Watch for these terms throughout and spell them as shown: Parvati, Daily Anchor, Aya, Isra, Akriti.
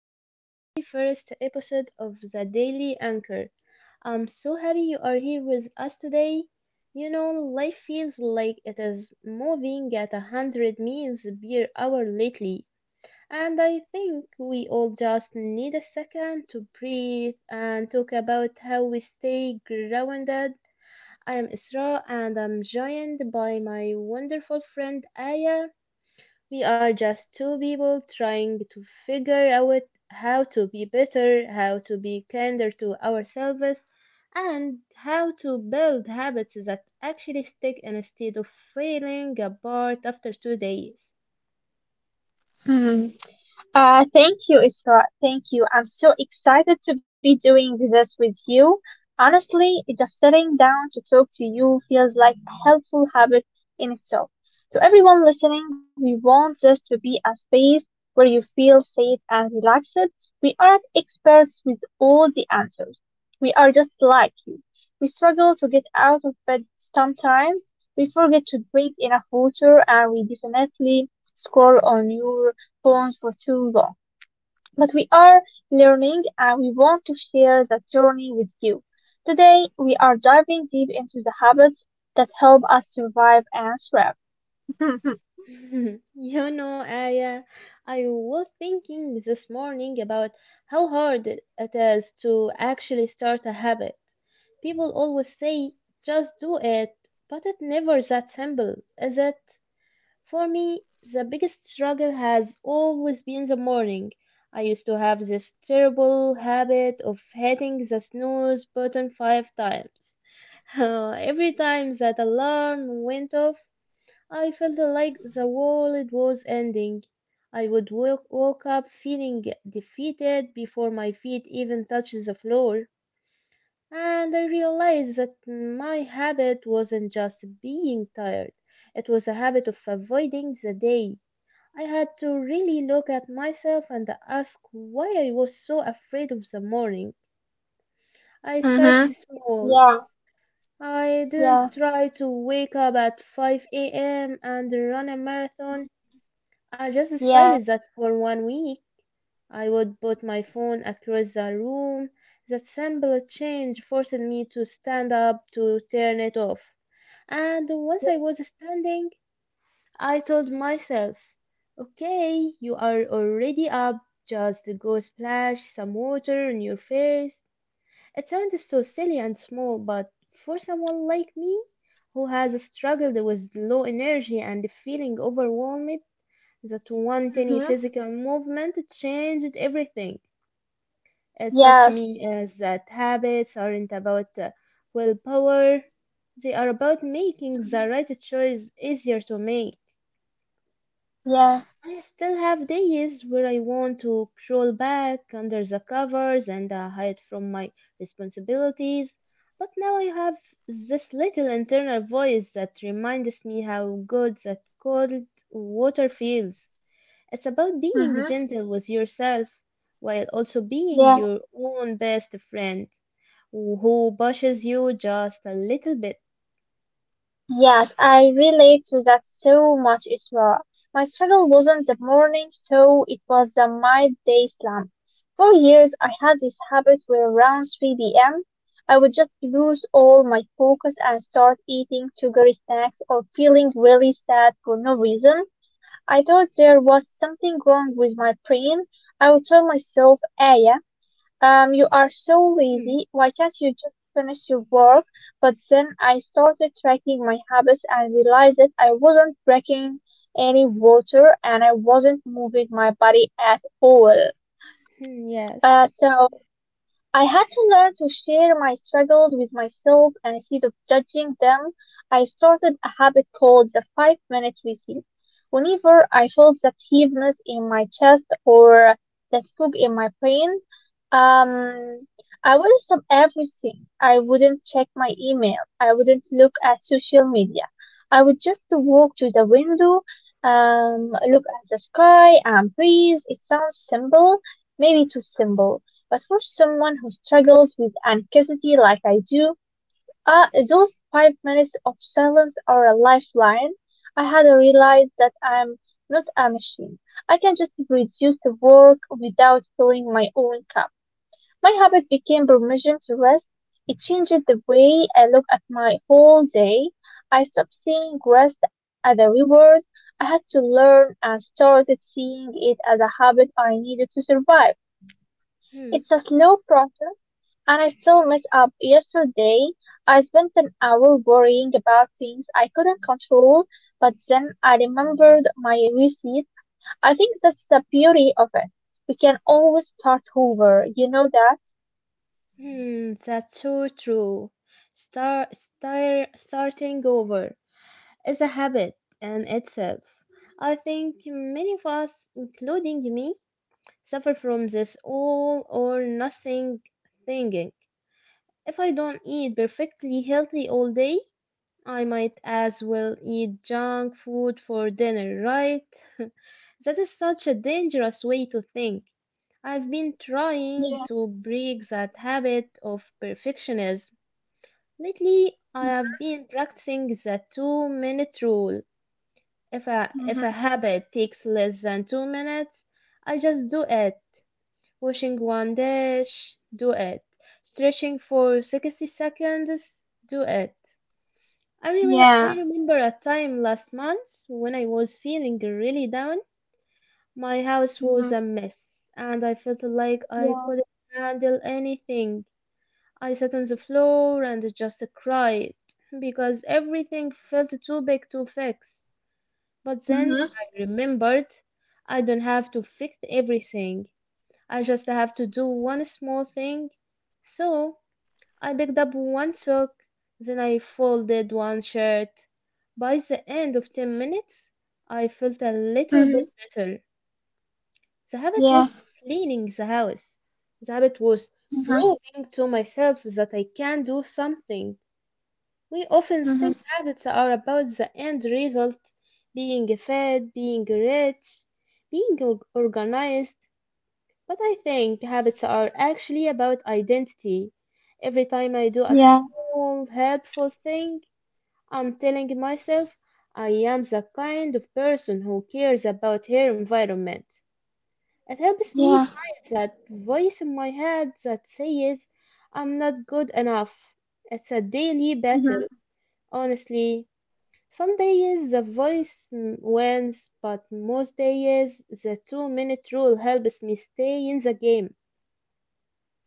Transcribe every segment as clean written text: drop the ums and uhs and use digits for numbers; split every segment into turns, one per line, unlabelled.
to the very first episode of the Daily Anchor. I'm so happy you are here with us today. You know, life feels like it is moving at 100 miles per hour lately, and I think we all just need a second to breathe and talk about how we stay grounded. I am Isra, and I'm joined by my wonderful friend Aya. We are just two people trying to figure out how to be better, how to be kinder to ourselves, and how to build habits that actually stick instead of falling apart after 2 days.
Hmm. Thank you, Isra. Thank you. I'm so excited to be doing this with you. Honestly, just sitting down to talk to you feels like a helpful habit in itself. To everyone listening, we want this to be a space where you feel safe and relaxed. We aren't experts with all the answers. We are just like you. We struggle to get out of bed sometimes. We forget to drink enough water and we definitely scroll on your phones for too long. But we are learning and we want to share that journey with you. Today, we are diving deep into the habits that help us survive and thrive.
You know, Aya, I was thinking this morning about how hard it is to actually start a habit. People always say, just do it, but it's never that simple, is it? For me, the biggest struggle has always been the morning. I used to have this terrible habit of hitting the snooze button 5 times. Every time that alarm went off, I felt like the world was ending. Woke up feeling defeated before my feet even touched the floor. And I realized that my habit wasn't just being tired, it was a habit of avoiding the day. I had to really look at myself and ask why I was so afraid of the morning. I started
Mm-hmm.
small.
Yeah,
I
yeah,
didn't try to wake up at 5 a.m. and run a marathon. I just
yeah,
decided that for one week I would put my
Mm-hmm.
phone across the room. That simple change forced me to stand up to turn it off. And once I
Yeah,
was standing, I told myself, okay, you are already up, just go splash some water on your face. It sounds so silly and small, but for someone like me who has struggled with low energy and feeling overwhelmed, that one tiny
Mm-hmm.
physical movement changed everything. It touched
Yes,
me as that habits aren't about willpower, they are about making the right choice easier to make.
yeah,
I still have days where I want to crawl back under the covers and hide from my responsibilities, but now I have this little internal voice that reminds me how good that cold water feels. It's about being
Mm-hmm.
gentle with yourself while also being
Yeah.
your own best friend who pushes you just a little bit.
Yes, I relate to that so much, Isra. My struggle wasn't the morning, so it was the midday slump. For years, I had this habit where around 3 p.m., I would just lose all my focus and start eating sugary snacks or feeling really sad for no reason. I thought there was something wrong with my brain. I would tell myself, Aya, you are so
Hmm,
lazy. Why can't you just finish your work? But then I started tracking my habits and realized that I wasn't drinking any water and I wasn't moving my body at all.
hmm,
Uh,
yes.
so I had to learn to share my struggles with myself and instead of judging them, I started a habit called the 5 minute routine. Whenever I felt that heaviness in my chest or that fog in my brain, um, I wouldn't stop everything. I wouldn't check my email. I wouldn't look at social media. I would just walk to the window, look at the sky and breathe. It sounds simple, maybe too simple, but for someone who struggles with anxiety like I do, those 5 minutes of silence are a lifeline. I had to realize that I'm not a machine. I can just reduce the work without filling my own cup. My habit became permission to rest. It changed the way I look at my whole day. I stopped seeing rest as a reward. I had to learn and started seeing it as a habit I needed to survive.
Hmm.
It's a slow process and I still mess up. Yesterday, I spent an hour worrying about things I couldn't control, but then I remembered my receipt. I think that's the beauty of it. We can always start over. You know that?
Hmm, that's so true. Starting over is a habit in itself. I think many of us, including me, suffer from this all or nothing thinking. If I don't eat perfectly healthy all day, I might as well eat junk food for dinner, right? That is such a dangerous way to think. I've been trying
Yeah.
to break that habit of perfectionism. Lately, I
Mhm.
have been practicing the two-minute rule. If a
Mhm.
habit takes less than 2 minutes, I just do it. Washing one dish, do it. Stretching for 60 seconds, do it. I remember I
Yeah.
remember a time last month when I was feeling really down. My house was
Mhm.
a mess, and I felt like I
Yeah.
couldn't handle anything. I sat on the floor and just cried because everything felt too big to fix. But then
Mhm.
I remembered I don't have to fix everything. I just have to do one small thing. So I picked up one sock, then I folded one shirt. By the end of 10 minutes, I felt a little bit
Mhm.
better. The habit was
Yeah.
cleaning the house. The habit was
Mhm.
proving to myself that I can do something. We often think
Mhm.
habits are about the end result, being fed, being rich, being organized, but I think habits are actually about identity. Every time I do a
Yeah.
small, helpful thing, I'm telling myself I am the kind of person who cares about her environment. It helps me
Yeah.
find that voice in my head that says I'm not good enough. It's a daily
Mhm.
battle, honestly. Some days the voice wins, but most days the two-minute rule helps me stay in the game.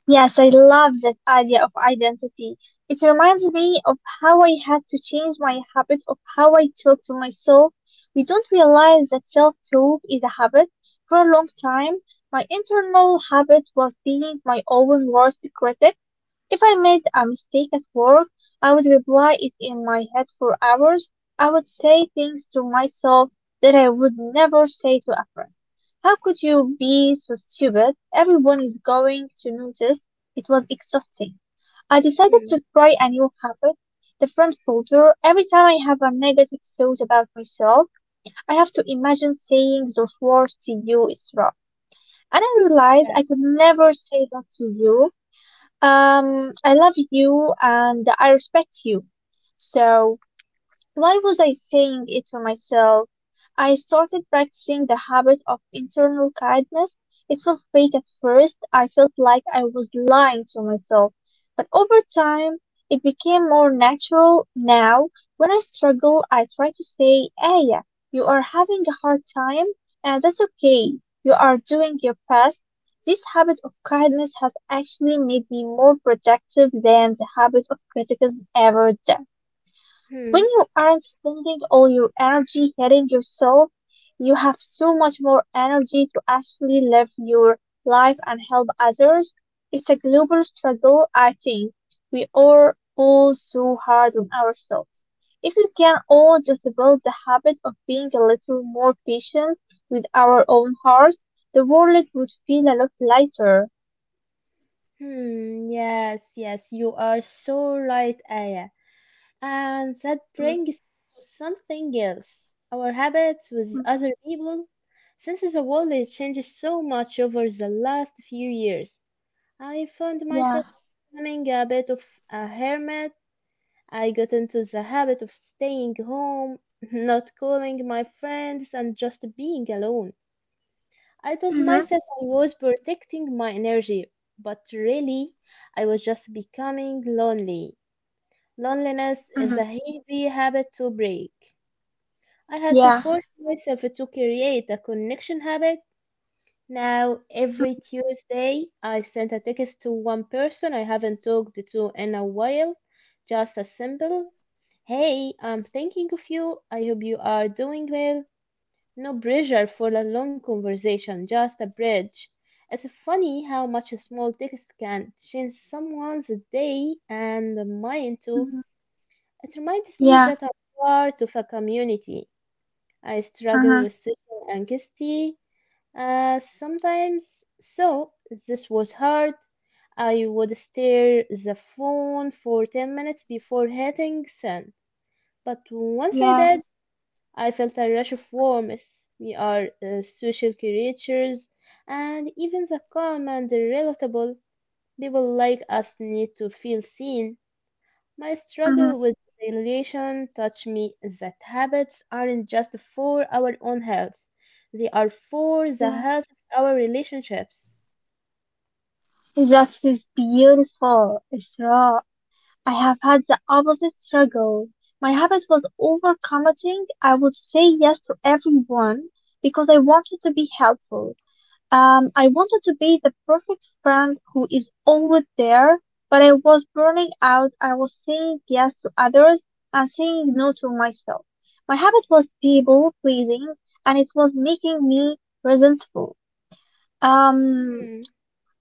Yes, I love that idea of identity. It reminds me of how I had to change my habit of how I talk to myself. We don't realize that self-talk is a habit. For a long time, my internal habit was being my own worst critic. If I made a mistake at work, I would replay it in my head for hours. I would say things to myself that I would never say to a friend. How could you be so stupid? Everyone is going to notice. It was exhausting. I decided
Hmm,
to try a new habit, the friend filter. Every time I have a negative thought about myself, I have to imagine saying those words to you, Isra. And I realized
yeah.
I could never say that to you. I love you and I respect you. So why was I saying it to myself? I started practicing the habit of internal kindness. It felt fake at first. I felt like I was lying to myself. But over time, it became more natural. Now, when I struggle, I try to say, Aya, you are having a hard time, and that's okay. You are doing your best. This habit of kindness has actually made me more productive than the habit of criticism ever did.
Hmm.
When you aren't spending all your energy hating yourself, you have so much more energy to actually live your life and help others. It's a global struggle, I think. We are all so hard on ourselves. If we can all just build the habit of being a little more patient with our own hearts, the world would feel a lot lighter.
Hmm. Yes, yes, you are so right, Aya. And that
Mm,
brings us to something else. Our habits with
mm,
other people. Since the world has changed so much over the last few years, I found
yeah.
myself becoming a bit of a hermit. I got into the habit of staying home, not calling my friends, and just being alone. I told
Hmm.
myself I was protecting my energy, but really, I was just becoming lonely. Loneliness is a
Hmm.
heavy habit to break. I had to
Yeah.
force myself to create a connection habit. Now, every
Hmm.
Tuesday, I send a text to one person I haven't talked to in a while, just a simple hey, I'm thinking of you. I hope you are doing well. No pressure for a long conversation, just a bridge. It's funny how much a small text can change someone's day and mine too.
Hmm.
It reminds me
Yeah.
that I'm part of a community. I struggle
Hmm.
with social anxiety sometimes, so this was hard. I would stare the phone for 10 minutes before hitting send. But once I
Yeah.
did, I felt a rush of warmth. We are social creatures, and even the calm and the relatable people like us need to feel seen. My
Uh-huh.
struggle with isolation taught me that habits aren't just for our own health, they are for the
Yeah.
health of our relationships.
That is beautiful, Isra. I have had the opposite struggle. My habit was overcommitting. I would say yes to everyone because I wanted to be helpful. I wanted to be the perfect friend who is always there, but I was burning out. I was saying yes to others and saying no to myself. My habit was people pleasing and it was making me resentful. Um,
Hmm.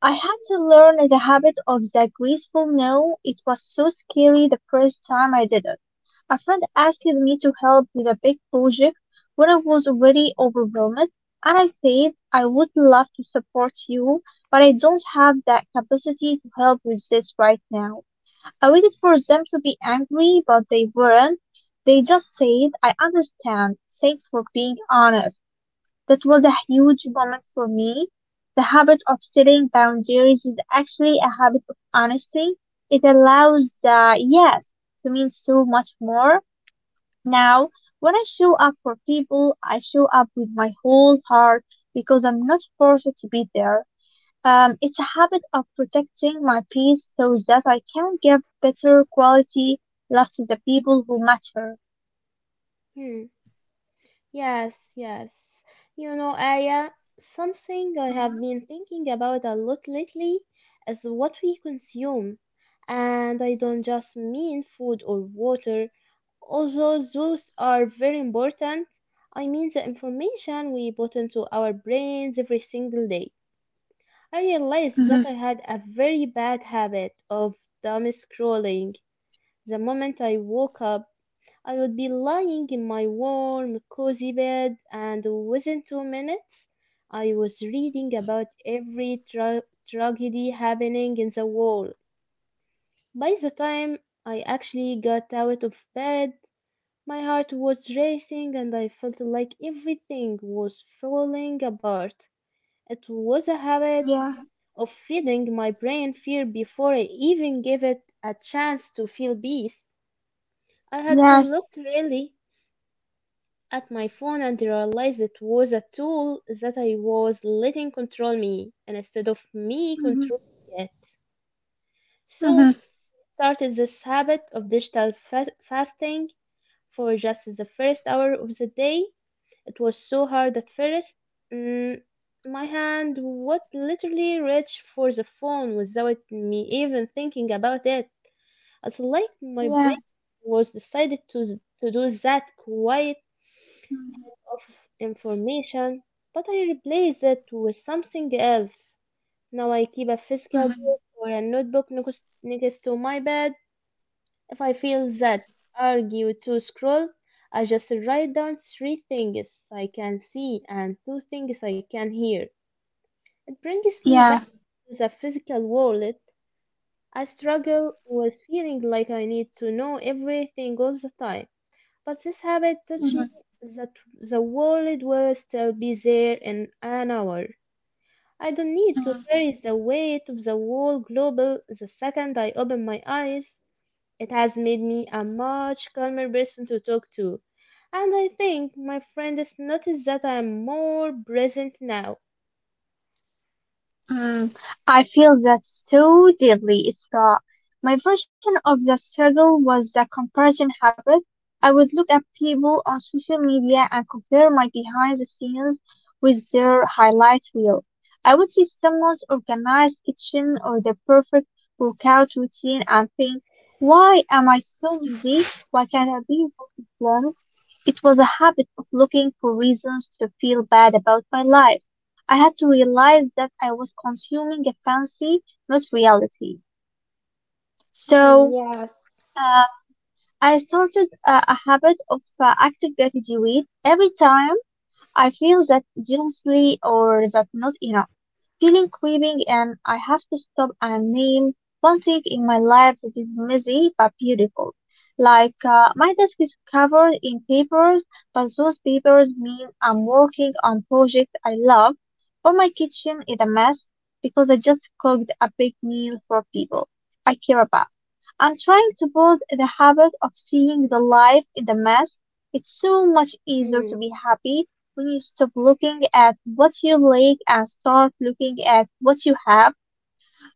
I had to learn the habit of the graceful no. It was so scary the first time I did it. A friend asked me to help with a big project when I was already overwhelmed, and I said, I would love to support you, but I don't have that capacity to help with this right now. I waited for them to be angry, but they weren't. They just said, I understand. Thanks for being honest. That was a huge moment for me. The habit of setting boundaries is actually a habit of honesty. It allows yes to mean so much more. Now, when I show up for people, I show up with my whole heart because I'm not forced to be there. It's a habit of protecting my peace so that I can give better quality love to the people who matter.
Hmm. Yes, yes. You know, Aya, something I
Mhm.
have been thinking about a lot lately is what we consume. And I don't just mean food or water, although those are very important. I mean the information we put into our brains every single day. I realized that
Mhm.
I had a very bad habit of doom scrolling the moment I woke up. I would be lying in my warm, cozy bed, and within 2 minutes, I was reading about every tragedy happening in the world. By the time I actually got out of bed, my heart was racing and I felt like everything was falling apart. It was a habit
Yeah.
of feeding my brain fear before I even gave it a chance to feel peace. I had to
Yes.
look really at my phone and realized it was a tool that I was letting control me and instead of me
Mhm.
controlling it. So
Mhm.
started this habit of digital fasting for just the first hour of the day. It was so hard at first. Mm, my hand would literally reach for the phone without me even thinking about it. It's like my
Yeah.
brain was decided to do that quiet
Mm-hmm.
of information, but I replace it with something else. Now I keep a physical
Mhm.
book or a notebook next to my bed. If I feel that argue to scroll, I just write down three things I can see and two things I can hear. It brings me back
Yeah.
to the physical world. I struggle with feeling like I need to know everything all the time. But this habit taught me
Mhm.
that the world will still be there in an hour. I don't need to
Mhm.
carry the weight of the whole global the second I open my eyes. It has made me a much calmer person to talk to. And I think my friend has noticed that I am more present now.
Mm. I feel that so deeply, Isra. My version of the struggle was the comparison habit. I would look at people on social media and compare my behind the scenes with their highlight reel. I would see someone's organized kitchen or their perfect workout routine and think, why am I so busy? Why can't I be more informed? It was a habit of looking for reasons to feel bad about my life. I had to realize that I was consuming a fancy, not reality.
Hmm,
So
yes.
uh, I started a habit of active gratitude. Every time I feel that jealously or that not enough feeling creeping and I have to stop and name one thing in my life that is messy but beautiful. Like my desk is covered in papers, but those papers mean I'm working on projects I love, or my kitchen is a mess because I just cooked a big meal for people I care about. I'm trying to build the habit of seeing the life in the mess. It's so much easier to
Hmm.
be happy when you stop looking at what you lack and start looking at what you have.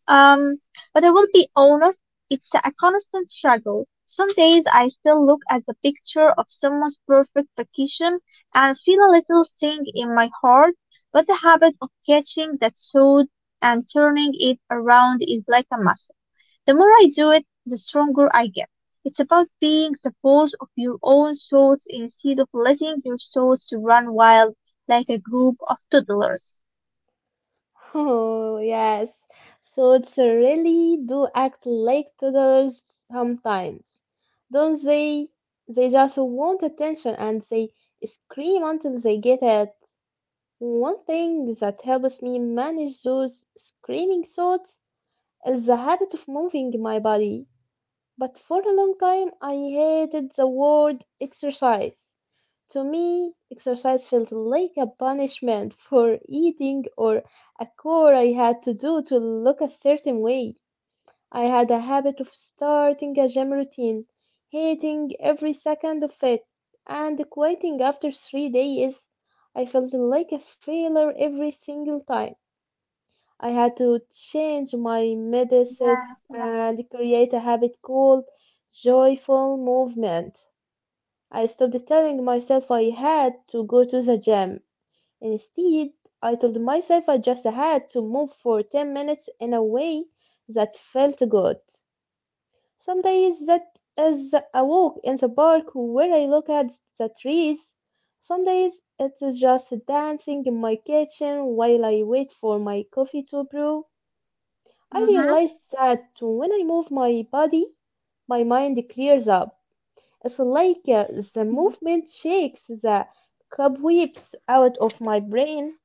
Um, but I will be honest, it's a constant struggle. Some days I still look at the picture of someone's perfect vacation and feel a little sting in my heart, but the habit of catching that thought and turning it around is like a muscle. The more I do it, the stronger I get. It's about being the boss of your own thoughts instead of letting your thoughts run wild like a group of toddlers.
Oh, yes. So really do act like toddlers sometimes, don't they? They just want attention and they scream until they get it. One thing that helps me manage those screaming thoughts is the habit of moving my body. But for a long time, I hated the word exercise. To me, exercise felt like a punishment for eating or a chore I had to do to look a certain way. I had a habit of starting a gym routine, hating every second of it, and quitting after 3 days. I felt like a failure every single time. I had to change my mindset
Yeah, yeah.
and create a habit called joyful movement. I stopped telling myself I had to go to the gym. Instead, I told myself I just had to move for 10 minutes in a way that felt good. Some days that is a walk in the park where I look at the trees. Some days it's just dancing in my kitchen while I wait for my coffee to brew. I
Mm-hmm.
realized that when I move my body, my mind clears up. It's like the movement shakes the cobwebs out of my brain.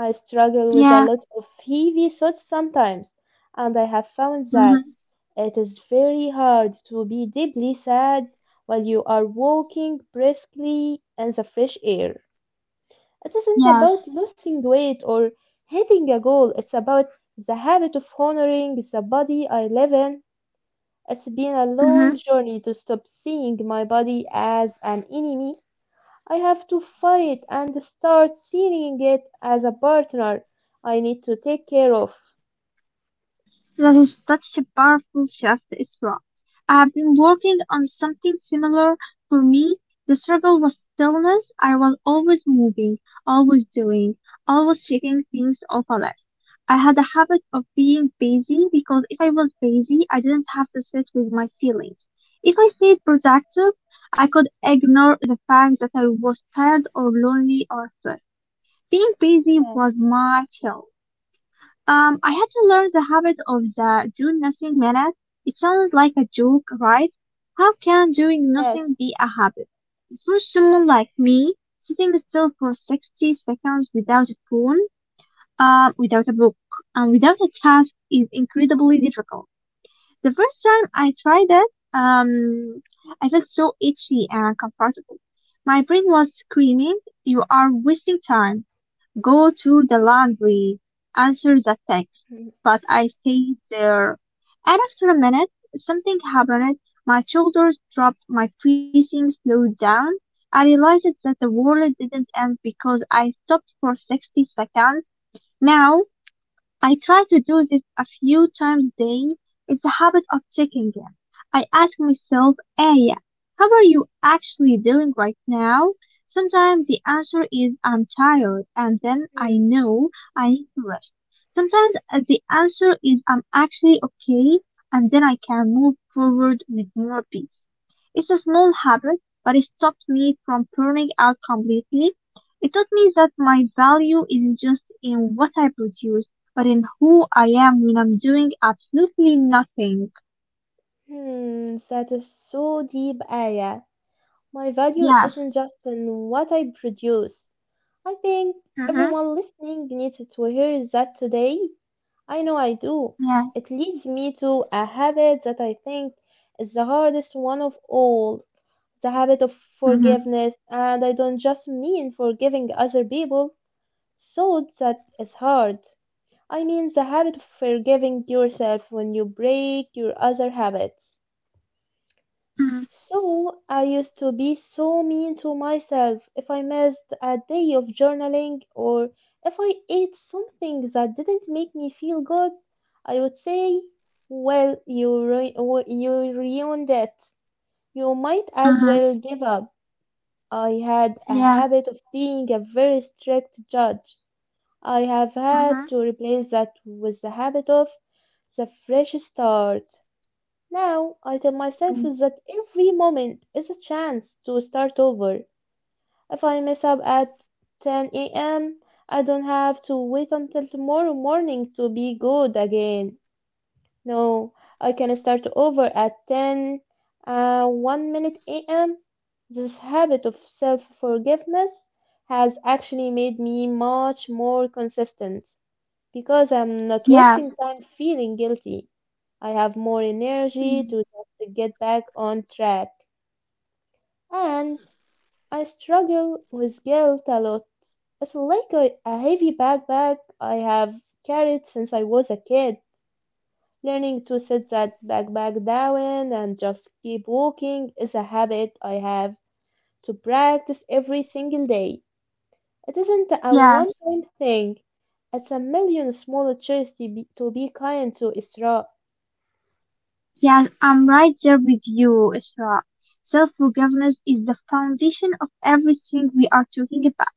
I struggle with a
Yeah.
lot of heavy thoughts sometimes, and I have found that
Mm-hmm.
it is very hard to be deeply sad while you are walking briskly in the fresh air. It isn't
Yes.
about losing weight or hitting a goal, it's about the habit of honoring the body I live in. It's been a
Mm-hmm.
long journey to stop seeing my body as an enemy. I have to fight and start seeing it as a partner I need to take care of.
That is such a powerful shift, is I have been working on something similar. For me, the struggle was stillness. I was always moving, always doing, always checking things off a list. I had a habit of being busy because if I was busy, I didn't have to sit with my feelings. If I stayed productive, I could ignore the fact that I was tired or lonely or stressed. Being busy
Yes,
was my chill. I had to learn the habit of the do nothing minute. It sounds like a joke, right? How can doing
yes.
nothing be a habit? For someone like me, sitting still for 60 seconds without a phone, without a book, and without a task is incredibly difficult. The first time I tried it, I felt so itchy and uncomfortable. My brain was screaming, you are wasting time. Go to the laundry, answer the text.
Hmm,
But I stayed there. And after a minute, something happened. My shoulders dropped, my breathing slowed down. I realized that the world didn't end because I stopped for 60 seconds. Now, I try to do this a few times a day. It's a habit of checking in. I ask myself, Aya, how are you actually doing right now? Sometimes the answer is I'm tired and then I
hmm,
know I need to rest. Sometimes the answer is I'm actually okay and then I can move forward with more peace. It's a small habit, but it stopped me from burning out completely. It taught me that my value isn't just in what I produce but in who I am when I'm doing absolutely nothing.
That is so deep, Aya. My value
Yes,
isn't just in what I produce. I think
Mm-hmm.
everyone listening needs to hear that today. I know I do.
Yeah.
It leads me to a habit that I think is the hardest one of all. The habit of
Mm-hmm.
forgiveness, and I don't just mean forgiving other people. So that is hard. I mean the habit of forgiving yourself when you break your other habits. So I used to be so mean to myself if I missed a day of journaling or if I ate something that didn't make me feel good. I would say, well, you ruined it. You might as
Mm-hmm.
well give up. I had a
yeah,
habit of being a very strict judge. I have had to
Mm-hmm.
replace that with the habit of the fresh start. Now I tell myself that every moment is a chance to start over. If I mess up at 10 a.m., I don't have to wait until tomorrow morning to be good again. No, I can start over at 1 minute a.m. This habit of self forgiveness has actually made me much more consistent because I'm not
yes,
wasting time feeling guilty. I have more energy
Mm.
to just get back on track. And I struggle with guilt a lot. It's like a heavy backpack I have carried since I was a kid. Learning to set that backpack down and just keep walking is a habit I have to practice every single day. It isn't a
Yes,
one time thing, it's a million small choices to be kind to Isra.
yes, I'm right there with you, Isra. Self-forgiveness is the foundation of everything we are talking about.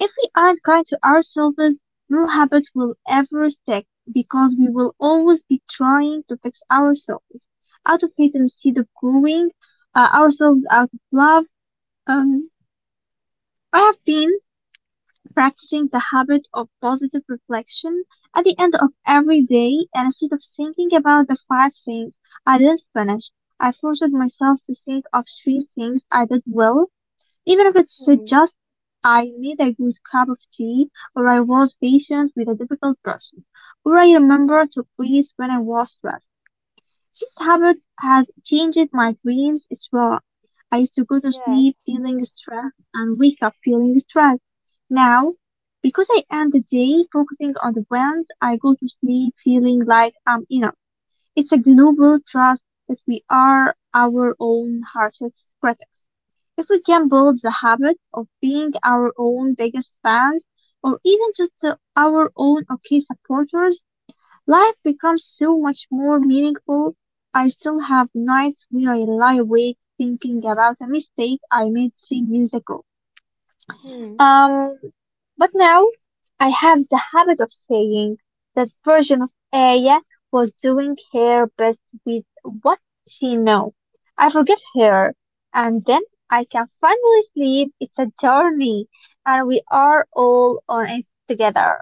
If we aren't kind to ourselves, no habit will ever stick because we will always be trying to fix ourselves out of hate instead of growing ourselves out of love. Um, I have been practicing the habit of positive reflection at the end of every day, and instead of thinking about the five things I didn't finish, I forced myself to think of three things I did well, even if it's
Hmm,
just I made a good cup of tea, or I was patient with a difficult person, or I remember to breathe when I was stressed. This habit has changed my dreams as well. I used to go to
yes.
sleep feeling stressed and wake up feeling stressed. Now, because I end the day focusing on the wins, I go to sleep feeling like I'm enough. It's a global trust that we are our own harshest critics. If we can build the habit of being our own biggest fans or even just our own okay supporters, life becomes so much more meaningful. I still have nights where I lie awake thinking about a mistake I made 3 years ago.
Hmm.
Um, but now I have the habit of saying that version of Aya was doing her best with what she knew. I forgive her, and then I can finally sleep. It's a journey, and we are all on it together.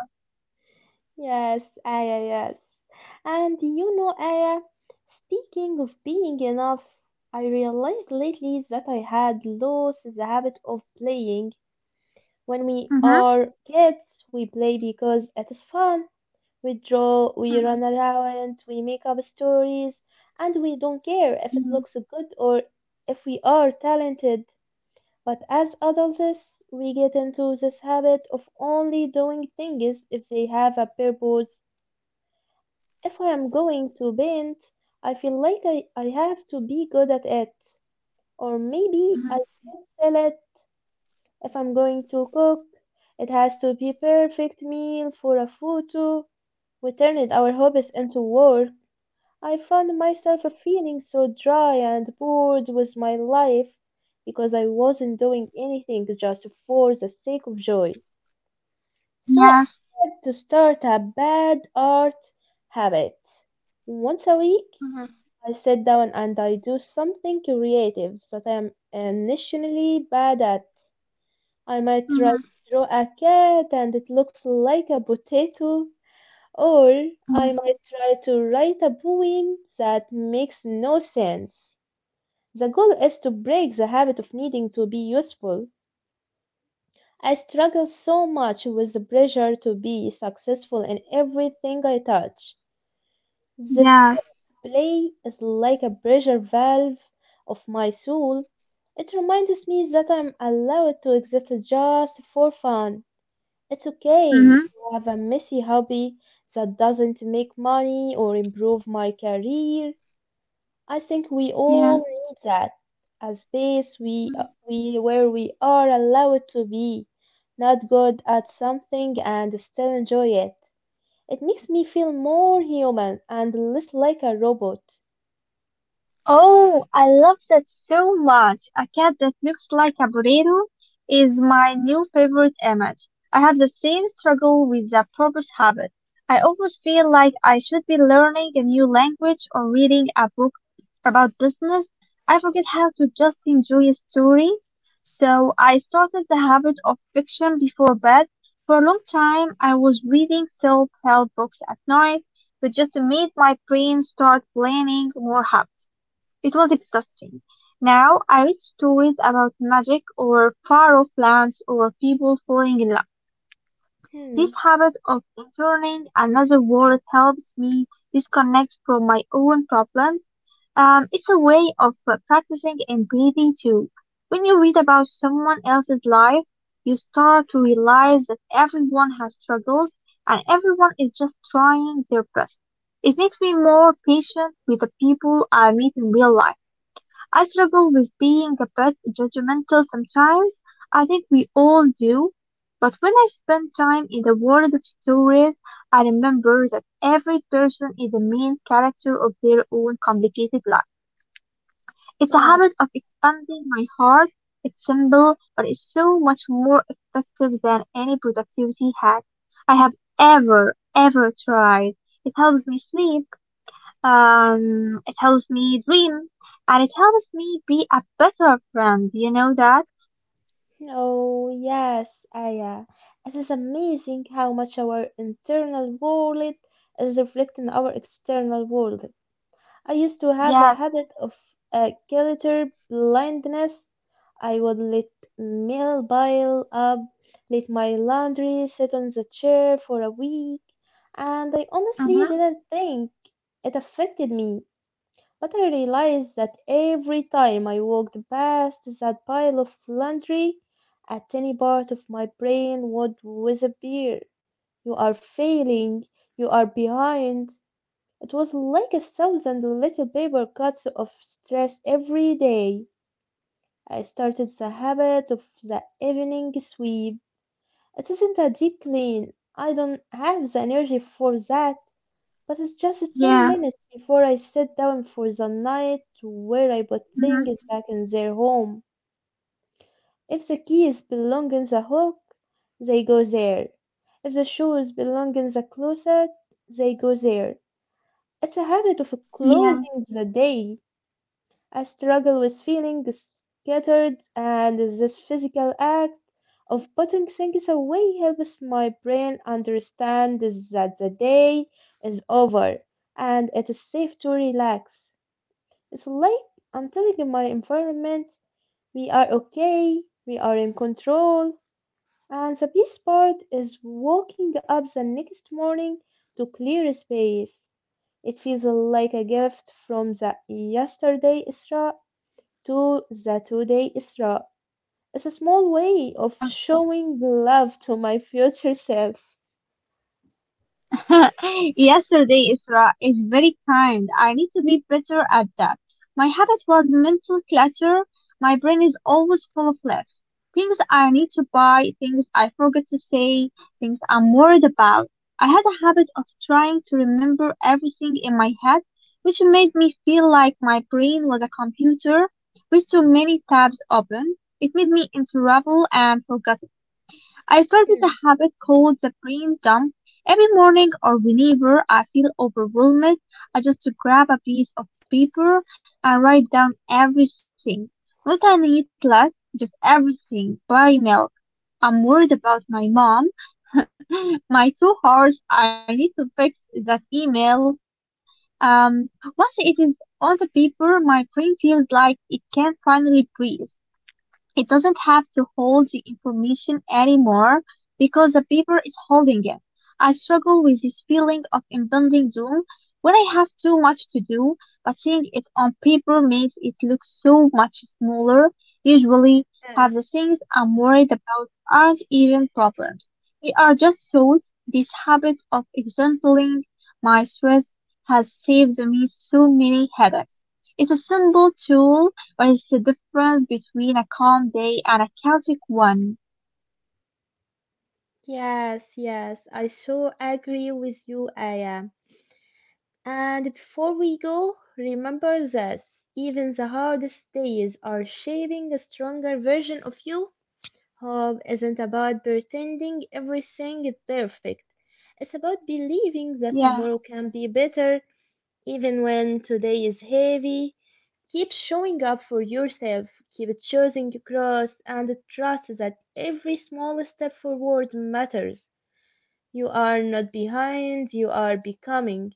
Yes, Aya, yes. And you know, Aya, speaking of being enough, I realized lately that I had lost the habit of playing. When we
Mm-hmm.
are kids, we play because it is fun. We draw, we
Mm-hmm.
run around, we make up stories, and we don't care if it
Mm-hmm.
looks good or if we are talented. But as adults, we get into this habit of only doing things if they have a purpose. If I am going to paint, I feel like I have to be good at it. Or maybe
Mm-hmm.
I should sell it. If I'm going to cook, it has to be perfect meal for a photo. We turned our hobbies into work. I found myself feeling so dry and bored with my life because I wasn't doing anything just for the sake of joy. So I
Yes.
had to start a bad art habit. Once a week,
Mm-hmm.
I sit down and I do something creative that I'm initially bad at. I might try to
Mm-hmm.
draw a cat and it looks like a potato, or I might try to write a poem that makes no sense. The goal is to break the habit of needing to be useful. I struggle so much with the pressure to be successful in everything I touch. This
Yes.
play is like a pressure valve of my soul. It reminds me that I'm allowed to exist just for fun. It's okay
Mm-hmm.
to have a messy hobby that doesn't make money or improve my career. I think we
Yeah.
all need that. A space we,
Mm-hmm.
we where we are allowed to be not good at something and still enjoy it. It makes me feel more human and less like a robot.
Oh, I love that so much. A cat that looks like a potato is my new favorite image. I have the same struggle with the purpose habit. I always feel like I should be learning a new language or reading a book about business. I forget how to just enjoy a story. So I started the habit of fiction before bed. For a long time, I was reading self-help books at night, which just made my brain start planning more habits. It was exhausting. Now I read stories about magic or far off lands or people falling in love.
Hmm,
This habit of entering another world helps me disconnect from my own problems. It's a way of practicing and breathing too. When you read about someone else's life, you start to realize that everyone has struggles and everyone is just trying their best. It makes me more patient with the people I meet in real life. I struggle with being a bit judgmental sometimes. I think we all do. But when I spend time in the world of stories, I remember that every person is the main character of their own complicated life. It's a
yeah.
habit of expanding my heart. It's simple, but it's so much more effective than any productivity hack I have ever tried. It helps me sleep. It helps me dream and it helps me be a better friend. You know that?
Oh, yes, Aya. It is amazing how much our internal world is reflecting our external world. I used to have a
Yes.
habit of guilty blindness. I would let mail pile up, let my laundry sit on the chair for a week, and I honestly
Uh-huh.
didn't think it affected me. But I realized that every time I walked past that pile of laundry, a tiny part of my brain would disappear. You are failing, you are behind. It was like a thousand little paper cuts of stress every day. I started the habit of the evening sweep. It isn't a deep clean. I don't have the energy for that. But it's just 10
Yeah.
minutes before I sit down for the night to where I put things
Mm-hmm.
back in their home. If the keys belong in the hook, they go there. If the shoes belong in the closet, they go there. It's a habit of
Yeah.
closing the day. I struggle with feeling scattered, and this physical act of putting things away helps my brain understand that the day is over and it is safe to relax. It's like I'm telling my environment we are okay, we are in control, and the best part is waking up the next morning to clear space. It feels like a gift from the yesterday Isra to the today Isra. It's a small way of
Um,
showing love to my future self.
Yesterday, Isra is very kind. I need to be better at that. My habit was mental clutter. My brain is always full of lists. Things I need to buy, things I forgot to say, things I'm worried about. I had a habit of trying to remember everything in my head, which made me feel like my brain was a computer with too many tabs open. It made me into trouble and forgetful. I started a
Mm,
habit called the brain dump. Every morning or whenever I feel overwhelmed, I just grab a piece of paper and write down everything. Not I need last, just everything. Buy milk. I'm worried about my mom. My 2 hours, I need to fix that email. Um, Once it is on the paper, my brain feels like it can finally breathe. It doesn't have to hold the information anymore because the paper is holding it. I struggle with this feeling of impending doom when I have too much to do, but seeing it on paper makes it look so much smaller. Usually,
yes,
half the things I'm worried about aren't even problems. They are just thoughts. This habit of exempling my stress has saved me so many headaches. It's a simple tool what is the difference between a calm day and a chaotic one?
yes, yes. I so agree with you, Aya. And before we go, remember this. Even the hardest days are shaping a stronger version of you. Hope isn't about pretending everything is perfect. It's about believing that
Yeah,
tomorrow can be better, even when today is heavy. Keep showing up for yourself, keep choosing growth, and trust that every small step forward matters. You are not behind, you are becoming.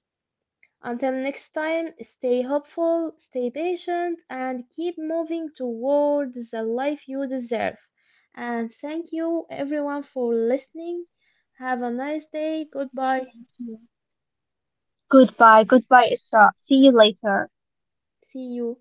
Until next time, stay hopeful, stay patient, and keep moving towards the life you deserve. And thank you everyone for listening. Have a nice day. Goodbye.
thank you. Goodbye, goodbye, Isra. See you later.
See you.